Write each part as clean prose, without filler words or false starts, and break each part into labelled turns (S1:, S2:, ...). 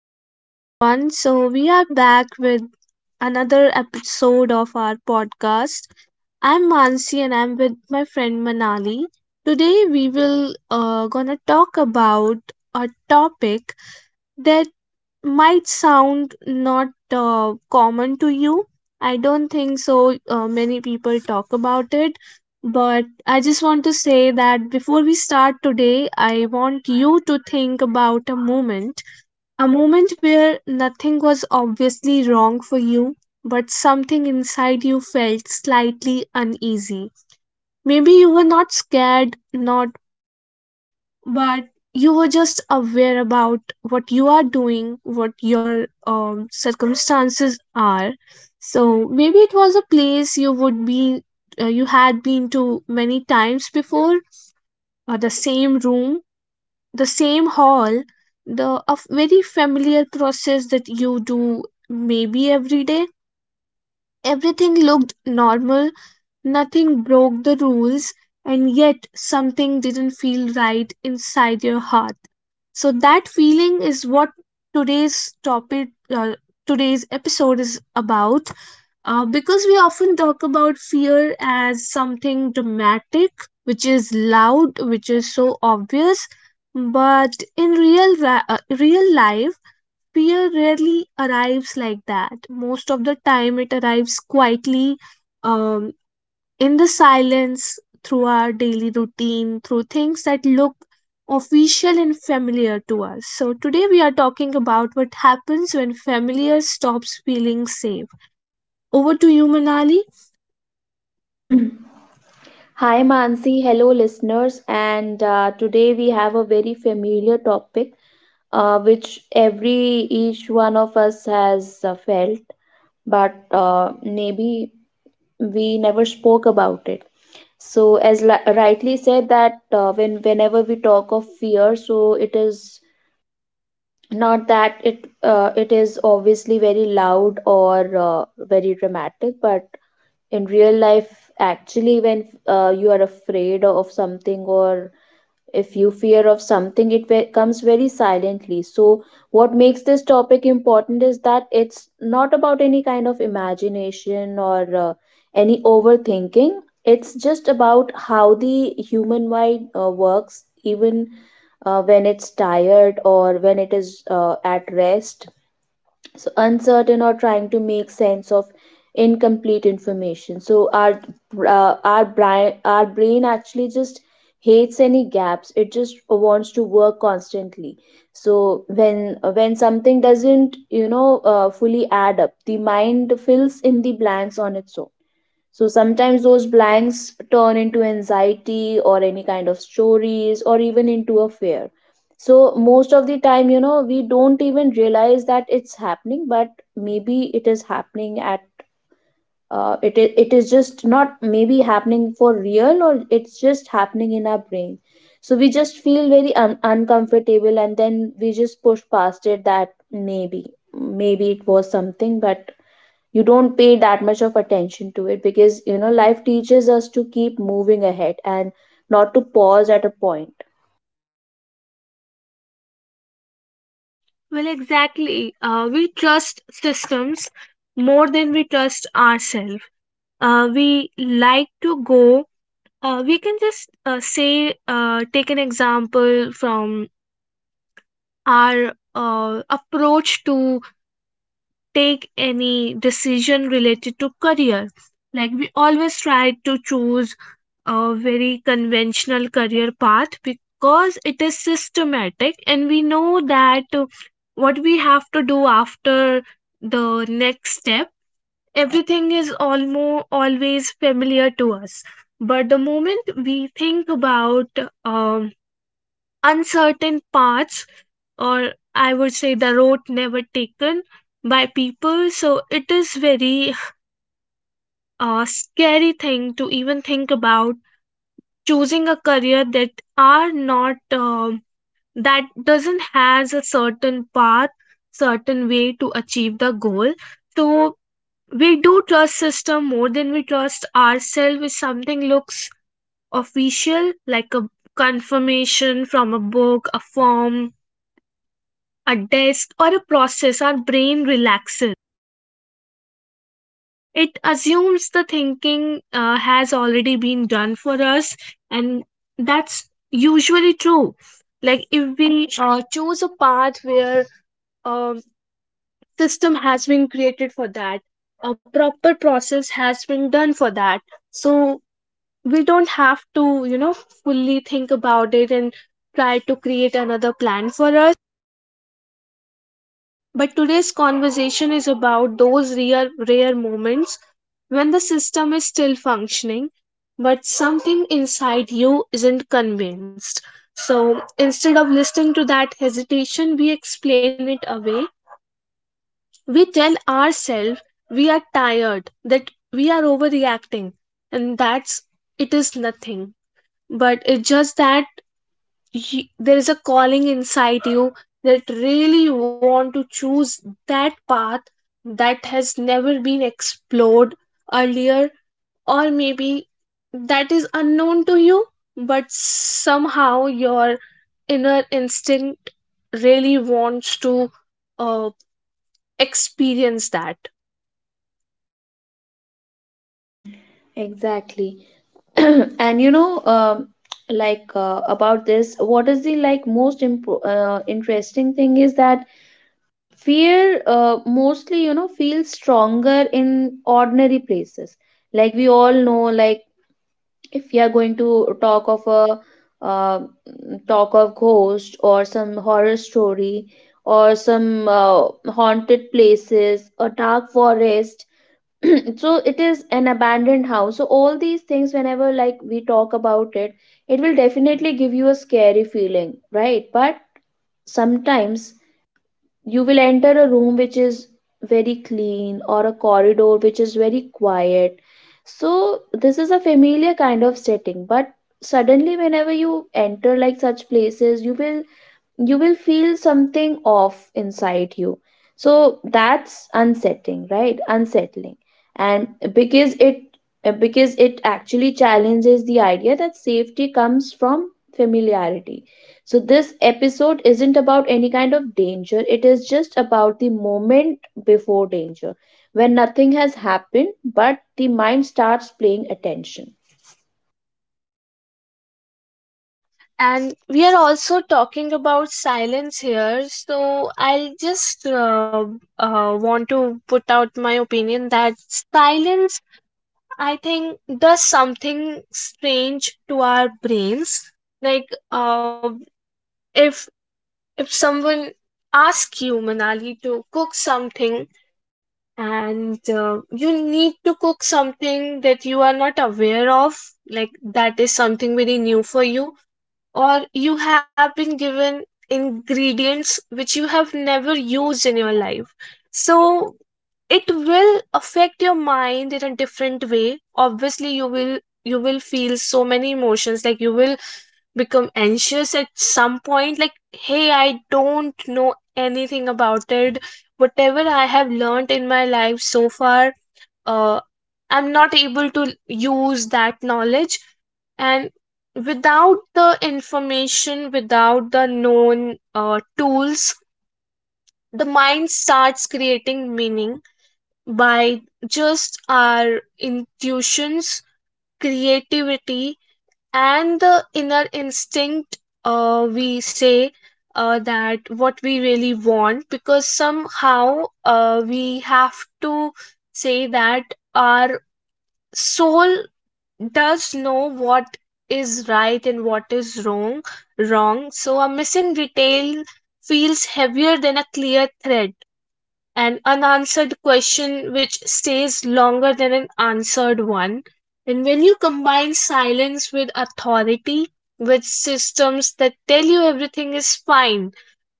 S1: Hello, everyone. So, we are back with another episode of our podcast. I'm Mansi and I'm with my friend Manali. Today, we will gonna talk about a topic that might sound not common to you. I don't think so many people talk about it. But I just want to say that before we start today, I want you to think about a moment where nothing was obviously wrong for you, but something inside you felt slightly uneasy. Maybe you were not scared, not panicked, but you were just aware about what you are doing, what your circumstances are. So maybe it was a place you would be, you had been to many times before, or the same room, the same hall, the a very familiar process that you do maybe every day. Everything looked normal, nothing broke the rules, and yet something didn't feel right inside your heart. So that feeling is what today's topic uh, today's episode is about. Because we often talk about fear as something dramatic, which is loud, which is so obvious, but in real life, fear rarely arrives like that. Most of the time, it arrives quietly, um, in the silence, through our daily routine, through things that look official and familiar to us. So today we are talking about what happens when familiar stops feeling safe. Over to you, Manali.
S2: Hi, Mansi. Hello, listeners. And today we have a very familiar topic which every each one of us has felt, but maybe we never spoke about it. So, as rightly said, that whenever we talk of fear, so it is not that it is obviously very loud or very dramatic, but in real life actually when you are afraid of something, or if you fear of something, it comes very silently. So what makes this topic important is that it's not about any kind of imagination or any overthinking. It's just about how the human mind works, even when it's tired or when it is at rest, so uncertain or trying to make sense of incomplete information. So our brain actually just hates any gaps. It just wants to work constantly. So when something doesn't fully add up, the mind fills in the blanks on its own. So sometimes those blanks turn into anxiety or any kind of stories or even into a fear. So most of the time, we don't even realize that it's happening, but maybe it is happening at it is just not maybe happening for real, or it's just happening in our brain. So we just feel very uncomfortable and then we just push past it, that maybe it was something, but you don't pay that much of attention to it because you know life teaches us to keep moving ahead and not to pause at a point.
S1: Well, exactly. We trust systems more than we trust ourselves. We like to go, we can just say, take an example from our approach to take any decision related to career. Like we always try to choose a very conventional career path because it is systematic, and we know that what we have to do after the next step, everything is almost always familiar to us. But the moment we think about uncertain paths, or I would say the road never taken by people, so it is very scary thing to even think about choosing a career that are not um, that doesn't has a certain path, certain way to achieve the goal. So we do trust system more than we trust ourselves. If something looks official, like a confirmation from a book, a form, a desk, or a process, our brain relaxes. It assumes the thinking has already been done for us, and that's usually true. Like if we choose a path where um system has been created for that, a proper process has been done for that, so we don't have to, you know, fully think about it and try to create another plan for us. But today's conversation is about those rare, rare moments when the system is still functioning, but something inside you isn't convinced. So instead of listening to that hesitation, we explain it away. We tell ourselves we are tired, that we are overreacting, and that's it is nothing. But it's just that there is a calling inside you that really want to choose that path that has never been explored earlier, or maybe that is unknown to you, but somehow your inner instinct really wants to uh, experience that.
S2: Exactly. And about this, what is the most interesting thing is that fear, mostly, you know, feels stronger in ordinary places. Like, we all know, like, if we are going to talk of a, uh, talk of ghost or some horror story or some, uh, haunted places, a dark forest, so it is an abandoned house. So all these things, whenever, like, we talk about it, it will definitely give you a scary feeling, right? But sometimes you will enter a room which is very clean or a corridor which is very quiet. So this is a familiar kind of setting, but suddenly, whenever you enter like such places, you will feel something off inside you. So that's unsettling, right? Unsettling. And because it because it actually challenges the idea that safety comes from familiarity. So this episode isn't about any kind of danger, it is just about the moment before danger, when nothing has happened but the mind starts paying attention.
S1: And we are also talking about silence here, so I'll just want to put out my opinion that silence, I think, does something strange to our brains. Like if if someone asks you, Manali, to cook something, and you need to cook something that you are not aware of, like that is something very new for you, or you have been given ingredients which you have never used in your life. So it will affect your mind in a different way. Obviously, you will, you will feel so many emotions. Like you will become anxious at some point, like, hey, I don't know anything about it. Whatever I have learned in my life so far, uh, I'm not able to use that knowledge. And without the information, without the known tools, the mind starts creating meaning by just our intuitions, creativity, and the inner instinct. We say that what we really want, because somehow we have to say that our soul does know what is right and what is wrong. So a missing detail feels heavier than a clear thread, an unanswered question which stays longer than an answered one. And when you combine silence with authority, with systems that tell you everything is fine,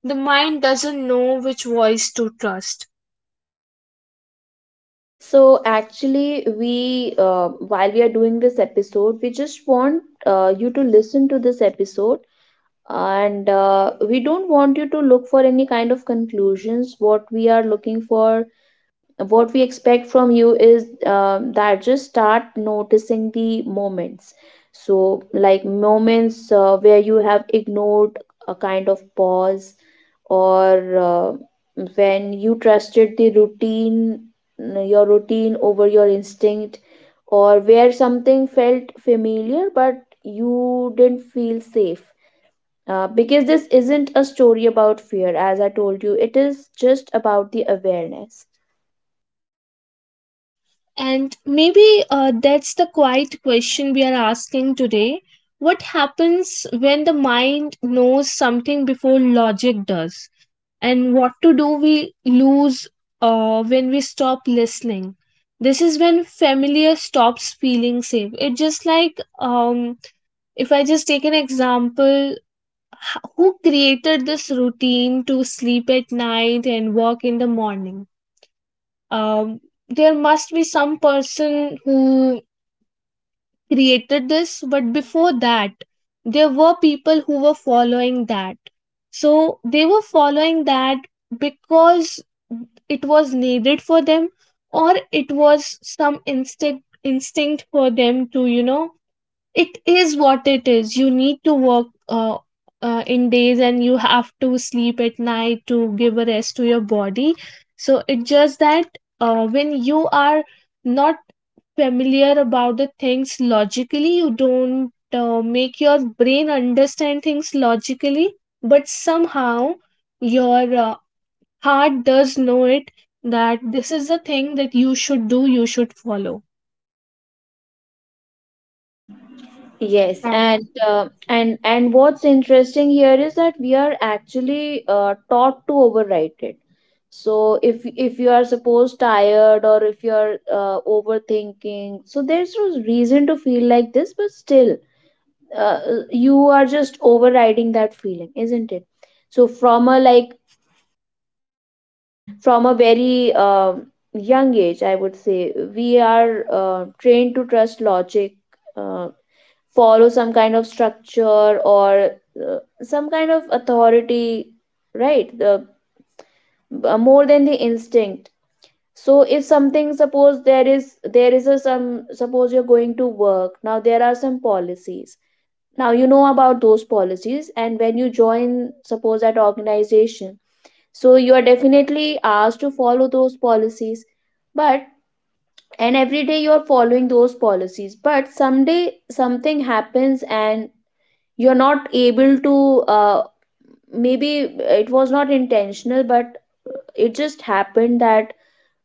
S1: the mind doesn't know which voice to trust.
S2: So actually, we while we are doing this episode, we just want you to listen to this episode, and we don't want you to look for any kind of conclusions. What we are looking for, what we expect from you is that just start noticing the moments. So, like, moments where you have ignored a kind of pause, or when you trusted the routine, your routine, over your instinct, or where something felt familiar but you didn't feel safe. Because this isn't a story about fear, as I told you, it is just about the awareness.
S1: And maybe that's the quiet question we are asking today. What happens when the mind knows something before logic does? And what to do we lose when we stop listening? This is when familiar stops feeling safe. It just like if I just take an example, who created this routine to sleep at night and work in the morning? um, there must be some person who created this, but before that, there were people who were following that. So they were following that because it was needed for them, or it was some instinct for them. To, you know, it is what it is, you need to work in days, and you have to sleep at night to give a rest to your body. So it's just that when you are not familiar about the things logically, you don't make your brain understand things logically, but somehow your heart does know it, that this is the thing that you should do, you should follow.
S2: Yes, and and what's interesting here is that we are actually taught to overwrite it. So if you are supposed tired, or if you are overthinking, so there's no reason to feel like this, but still, uh, you are just overriding that feeling, isn't it? So from a very young age, I would say we are trained to trust logic. um Follow some kind of structure or some kind of authority, right? the More than the instinct. So if something, suppose there is a some, suppose you're going to work, now there are some policies. Now you know about those policies, and when you join, suppose, that organization, so you are definitely asked to follow those policies. But, and every day you are following those policies, but someday something happens and you're not able to, uh, maybe it was not intentional, but it just happened that,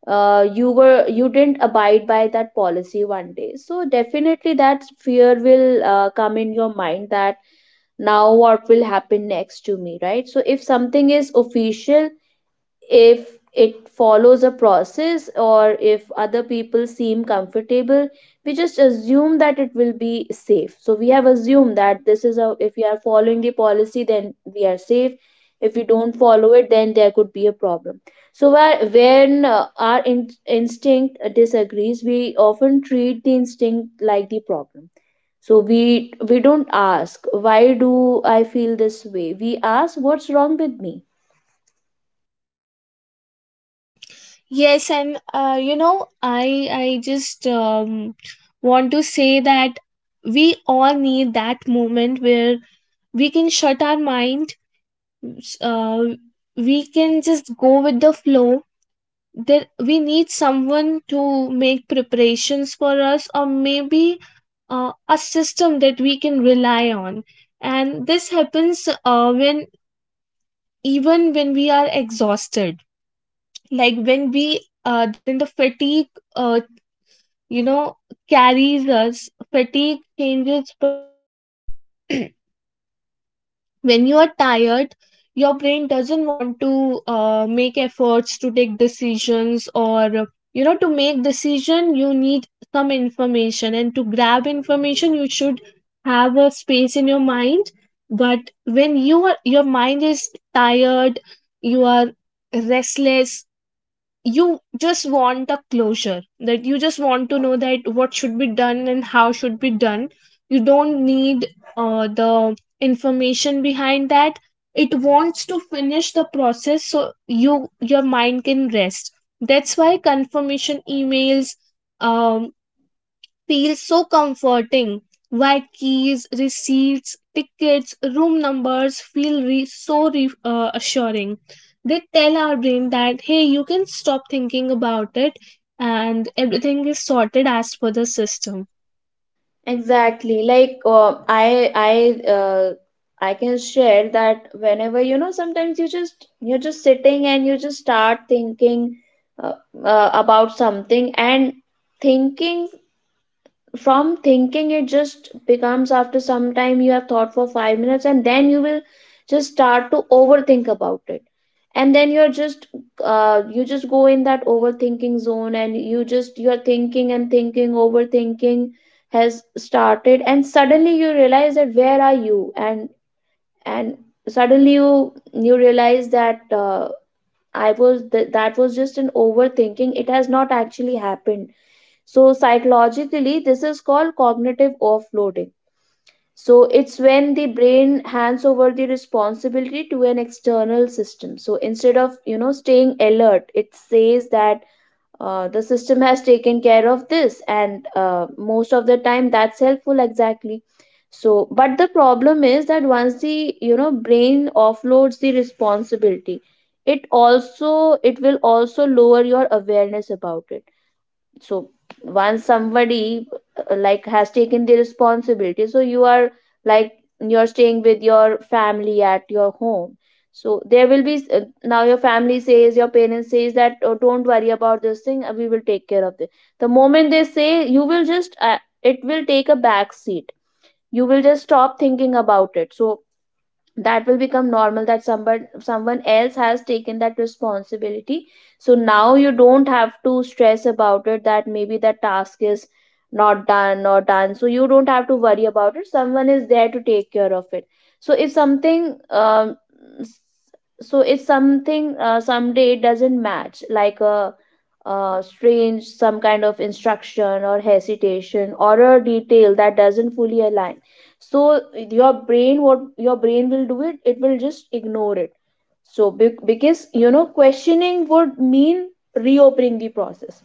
S2: you didn't abide by that policy one day, so definitely that fear will come in your mind that now what will happen next to me, right? So if something is official, if it follows a process, or if other people seem comfortable, we just assume that it will be safe. So we have assumed that this is a, if we are following the policy, then we are safe. If we don't follow it, then there could be a problem. So when our instinct disagrees, we often treat the instinct like the problem. So we don't ask why do I feel this way, we ask what's wrong with me.
S1: Yes, and you know, I just want to say that we all need that moment where we can shut our mind, s- uh, we can just go with the flow. There, we need someone to make preparations for us, or maybe a system that we can rely on. And this happens when, even when we are exhausted, like when we then the fatigue uh, you know, carries us. Fatigue changes perception. When you are tired, your brain doesn't want to make efforts to take decisions. Or, you know, to make decision you need some information, and to grab information you should have a space in your mind. But when you are, your mind is tired, you are restless, you just want a closure, that you just want to know that what should be done and how should be done. You don't need the information behind that. It wants to finish the process so you, your mind, can rest. That's why confirmation emails um, feels so comforting. Why keys, receipts, tickets, room numbers feel assuring. They tell our brain that, hey, you can stop thinking about it, and everything is sorted as per the system.
S2: Exactly. Like, I can share that, whenever, you know, sometimes you're just sitting and you just start thinking, uh, about something, and thinking, from thinking it just becomes, after some time you have thought for 5 minutes and then you will just start to overthink about it. And then you're just, you just go in that overthinking zone and you just, you're thinking and thinking, overthinking has started, and suddenly you realize that where are you, and suddenly you realize that, that was just an overthinking, it has not actually happened. So, psychologically, this is called cognitive offloading. So, it's when the brain hands over the responsibility to an external system. So, instead of, you know, staying alert, it says that the system has taken care of this, and most of the time that's helpful, exactly. So, but the problem is that once the, you know, brain offloads the responsibility, it will also lower your awareness about it. So once somebody, like, has taken the responsibility, so you are like you're staying with your family at your home, so there will be, now your family says your parents says that, oh, don't worry about this thing, we will take care of this. The moment they say, you will just, it will take a back seat, you will just stop thinking about it. So that will become normal, that someone else has taken that responsibility. So now you don't have to stress about it, that maybe the task is not done or done, so you don't have to worry about it, someone is there to take care of it. So if something, s- so if something, someday it doesn't match, like a, strange some kind of instruction or hesitation, or a detail that doesn't fully align, so your brain, what your brain will do, it will just ignore it. So because, you know, questioning would mean reopening the process.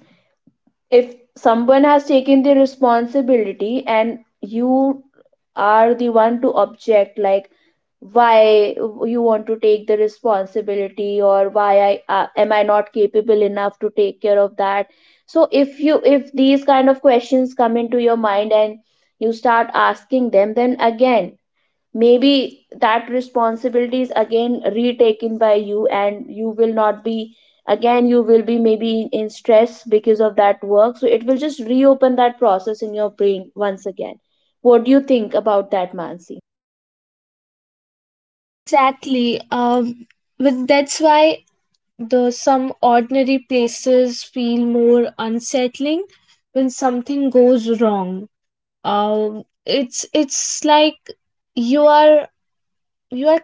S2: If someone has taken the responsibility and you are the one to object, like, why, you want to take the responsibility, or why I am I not capable enough to take care of that. So if you, if these kind of questions come into your mind and you start asking them, then again maybe that responsibility is again retaken by you, and you will not be again you will be maybe in stress because of that work, so it will just reopen that process in your brain once again. What do you think about that, Mansi?
S1: Exactly. That's why the some ordinary places feel more unsettling when something goes wrong. It's like you are, you are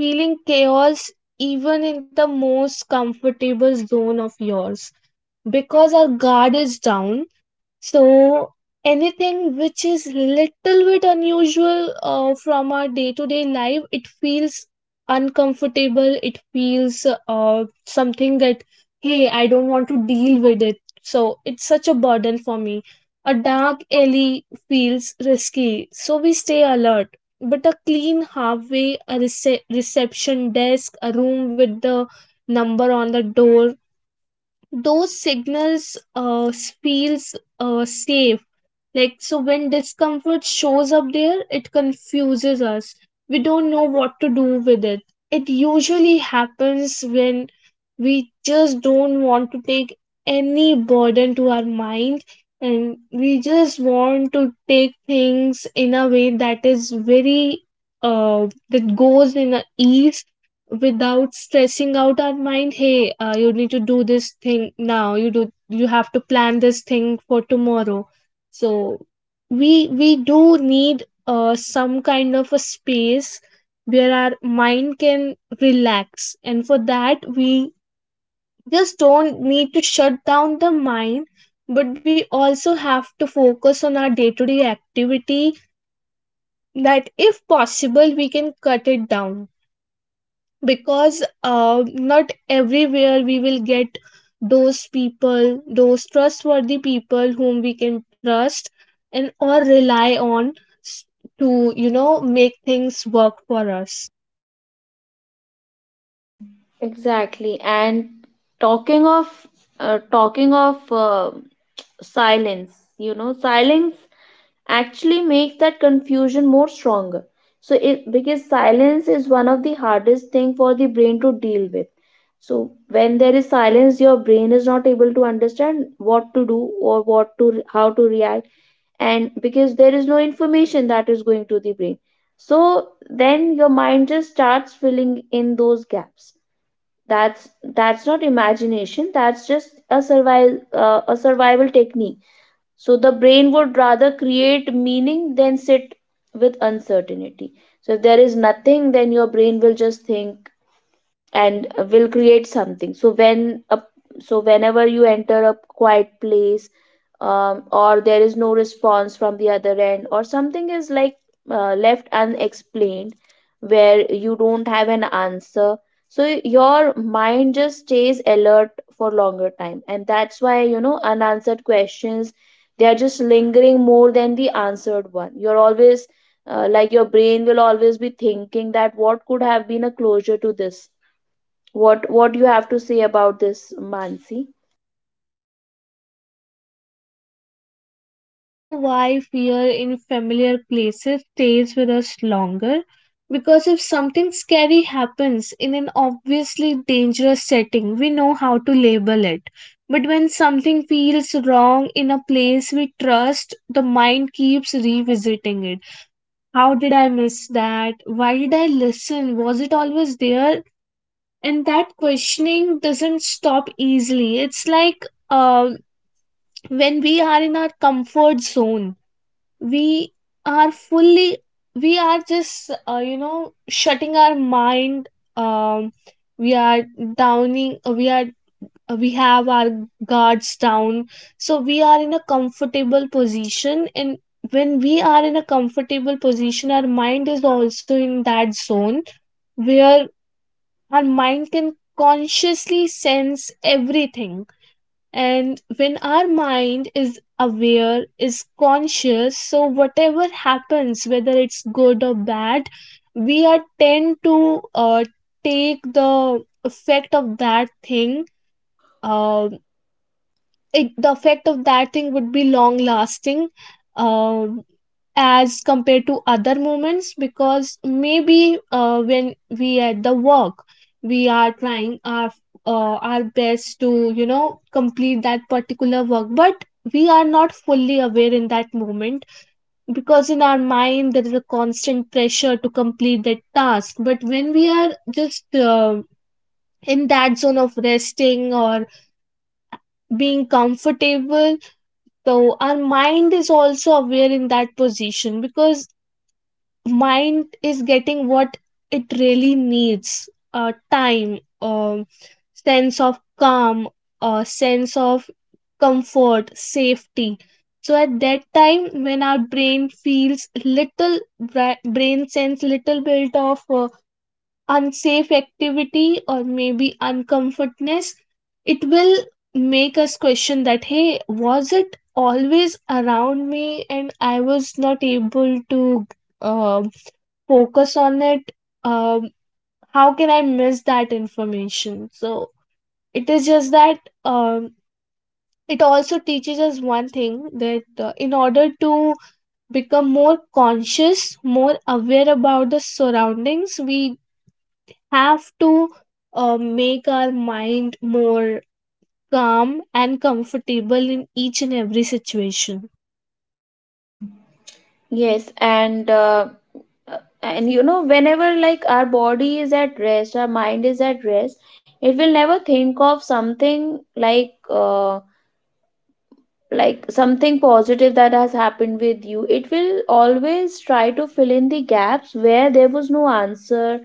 S1: feeling chaos even in the most comfortable zone of yours, because our guard is down. So anything which is little bit unusual from our day to day life, it feels uncomfortable. It feels something that, hey, I don't want to deal with it. So it's such a burden for me. A dark alley feels risky, so we stay alert. But a clean halfway, a reception desk, a room with the number on the door, those signals feels safe. Like, so when discomfort shows up there, it confuses us. We don't know what to do with it. It usually happens when we just don't want to take any burden to our mind, and we just want to take things in a way that is very, that goes in a ease, without stressing out our mind, hey, you need to do this thing now, you do, you have to plan this thing for tomorrow. So we do need some kind of a space where our mind can relax. And for that, we just don't need to shut down the mind, but we also have to focus on our day to day activity. That if possible, we can cut it down, because not everywhere we will get those people, those trustworthy people, whom we can trust and or rely on, s- to, you know, make things work for us.
S2: Exactly, and talking of talking of silence. You know, silence actually makes that confusion more stronger. So it, because silence is one of the hardest thing for the brain to deal with. So when there is silence, your brain is not able to understand what to do, or what to, how to react. And because there is no information that is going to the brain, so then your mind just starts filling in those gaps. that's that's not imagination, that's just a survival technique. So the brain would rather create meaning than sit with uncertainty. So if there is nothing, then your brain will just think and will create something. So whenever you enter a quiet place, or there is no response from the other end, or something is like left unexplained, where you don't have an answer. So your mind just stays alert for longer time, and that's why unanswered questions, they are just lingering more than the answered one. You're always like, your brain will always be thinking that what could have been a closure to this. What you have to say about this, Mansi?
S1: Well, Manali, I think that's also why fear in familiar places stays with us longer. Because if something scary happens in an obviously dangerous setting, we know how to label it. But when something feels wrong in a place we trust, the mind keeps revisiting it. How did I miss that? Why did I listen? Was it always there? And that questioning doesn't stop easily. It's like uh, when we are in our comfort zone we are fully we are just you know shutting our mind um we are downing uh, we are we have our guards down, so we are in a comfortable position. And when we are in a comfortable position, our mind is also in that zone where our mind can consciously sense everything. And when our mind is aware, is conscious, so whatever happens, whether it's good or bad, we are tend to take the effect of that thing. uh, the effect of that thing would be long lasting um as compared to other moments. Because maybe when we at the work, we are trying our best to you know complete that particular work, but we are not fully aware in that moment, because in our mind there is a constant pressure to complete that task. But when we are just in that zone of resting or being comfortable, so our mind is also aware in that position, because mind is getting what it really needs. Time, sense of calm, sense of comfort, safety. So at that time, when our brain feels little brain sense little bit of unsafe activity or maybe uncomfortness, it will make us question that, hey, was it always around me and I was not able to uh, focus on it. um, how can I miss that information? So it is just that um, it also teaches us one thing, that in order to become more conscious, more aware about the surroundings, we have to make our mind more calm and comfortable in each and every situation.
S2: Yes, and you know, whenever like our body is at rest, our mind is at rest, it will never think of something like something positive that has happened with you. It will always try to fill in the gaps where there was no answer,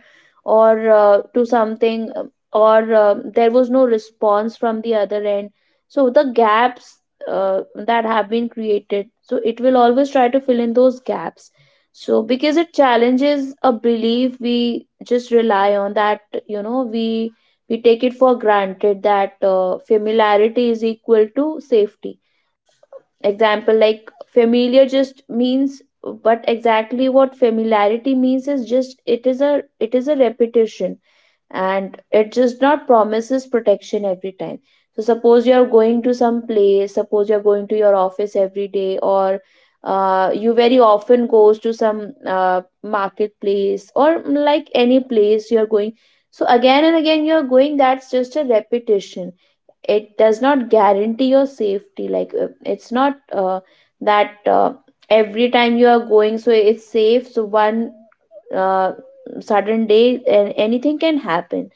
S2: or to something, or there was no response from the other end. So the gaps that have been created, so it will always try to fill in those gaps. So because it challenges a belief, we just rely on that. You know, we take it for granted that familiarity is equal to safety. Example, like, familiar just means, but exactly what familiarity means is just, it is a repetition, and it just not promises protection every time. So suppose you are going to some place, suppose you are going to your office every day, or you very often goes to some marketplace or like any place you are going. So again and again you are going, that's just a repetition. It does not guarantee your safety. It's not that every time you are going, so it's safe. So one uh, sudden day, and anything can happen,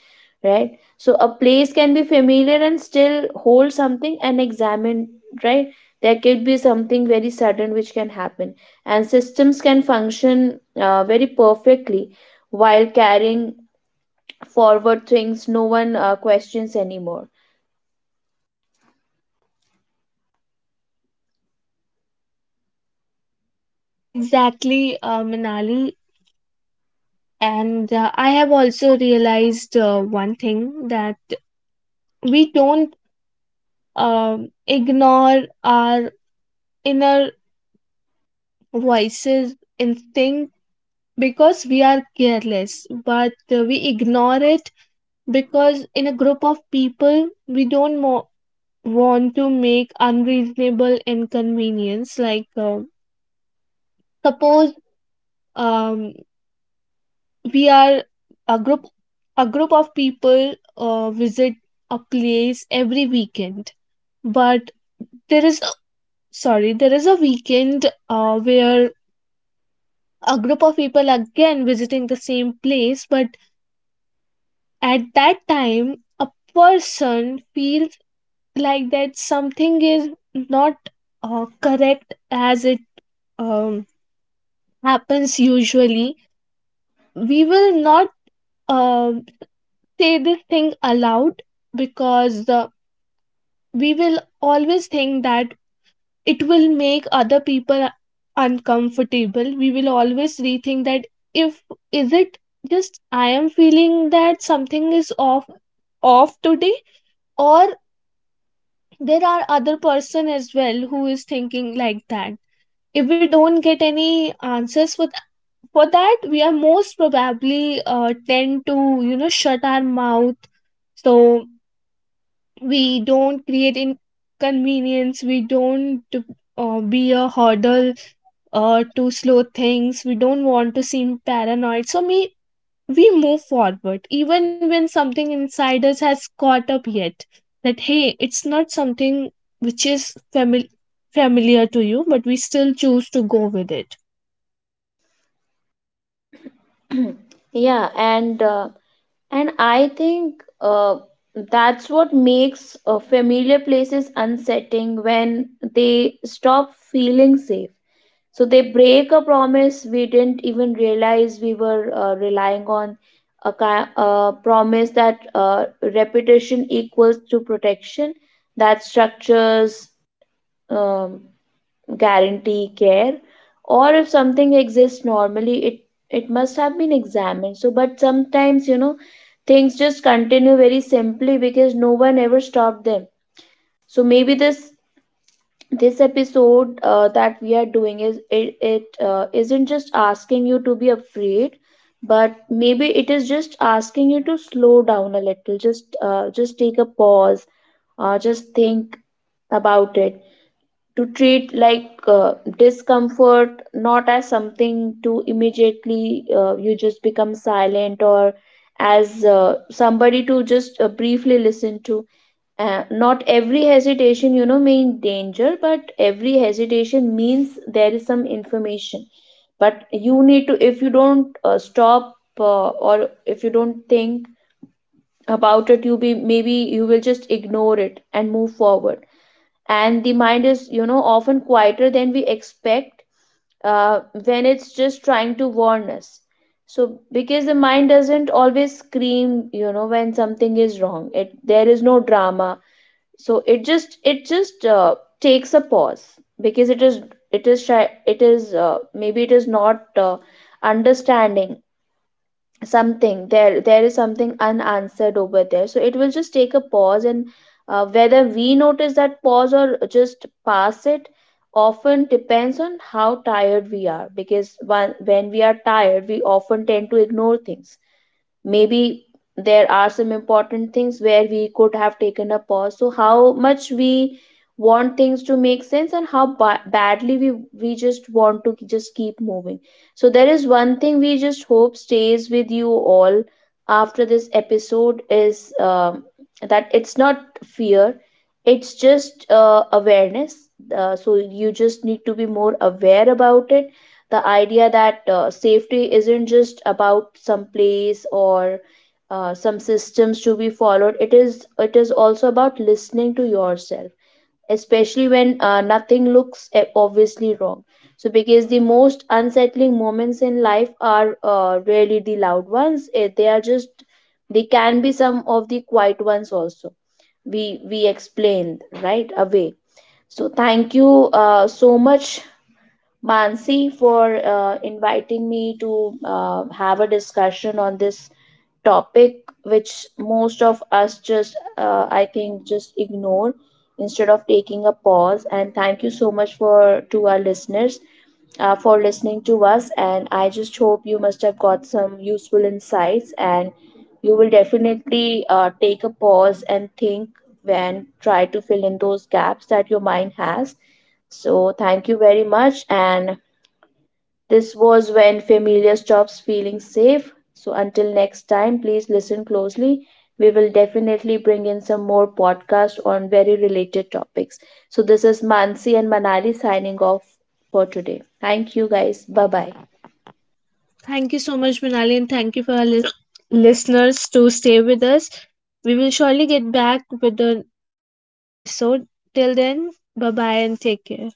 S2: right? So a place can be familiar and still hold something, and examine, right? There could be something very sudden which can happen. And systems can function very perfectly while carrying forward things no one questions anymore.
S1: Well, exactly, Manali. And I have also realized one thing, that we don't ignore our inner voices, instinct, because we are careless, but we ignore it because in a group of people we don't want to make unreasonable inconvenience. Like suppose um, we are a group of people visit a place every weekend. But there is, sorry, there is a weekend where a group of people again visiting the same place, but at that time a person feels like that something is not correct as it um, happens usually. We will not um say this thing aloud, because the, we will always think that it will make other people uncomfortable. We will always rethink that, if, is it just I am feeling that something is off, off today, or there are other person as well who is thinking like that. If we don't get any answers for for that, we are most probably tend to you know shut our mouth. So we don't create inconvenience, we don't be a hurdle to slow things. We don't want to seem paranoid, so we move forward even when something inside us has caught up yet, that hey, it's not something which is familiar to you, but we still choose to go with it.
S2: Yeah, and I think that's what makes familiar places unsettling, when they stop feeling safe. So they break a promise we didn't even realize we were relying on. A promise that reputation equals to protection, that structures um, guarantee care, or if something exists normally, it must have been examined. So but sometimes, you know, things just continue very simply because no one ever stopped them. So maybe this, episode that we are doing is, it isn't just asking you to be afraid, but maybe it is just asking you to slow down a little. Just just take a pause, just think about it. To treat like discomfort not as something to immediately you just become silent, or as somebody to just briefly listen to. Not every hesitation, you know, mean danger, but every hesitation means there is some information. But you need to, if you don't stop, or if you don't think about it, you be maybe you will just ignore it and move forward. And the mind is, you know, often quieter than we expect, when it's just trying to warn us. So because the mind doesn't always scream, you know, when something is wrong. It There is no drama, so it just, it just takes a pause, because it is, it is shy, it is, maybe it is not understanding something. There is something unanswered over there, so it will just take a pause. And whether we notice that pause or just pass it often depends on how tired we are. Because one, when we are tired, we often tend to ignore things. Maybe there are some important things where we could have taken a pause. So how much we want things to make sense, and how badly we just want to just keep moving. So there is one thing we just hope stays with you all after this episode is, that it's not fear, it's just awareness. So you just need to be more aware about it. The idea that safety isn't just about some place, or some systems to be followed. It is, it is also about listening to yourself, especially when nothing looks obviously wrong. So because the most unsettling moments in life are, really the loud ones. Eh, they are just, they can be some of the quiet ones also, we explained right away. So thank you so much, Mansi, for inviting me to have a discussion on this topic, which most of us just, I think, just ignore instead of taking a pause. And thank you so much for to our listeners for listening to us. And I just hope you must have got some useful insights, and you will definitely take a pause and think, and try to fill in those gaps that your mind has. So, thank you very much. And this was When Familiar Stops Feeling Safe. So until next time, please listen closely. We will definitely bring in some more podcasts on very related topics. So this is Mansi and Manali signing off for today. Thank you, guys. Bye bye.
S1: Thank you so much, Manali, and thank you for our listeners to stay with us. We will surely get back with an another episode. Till then, bye bye and take care.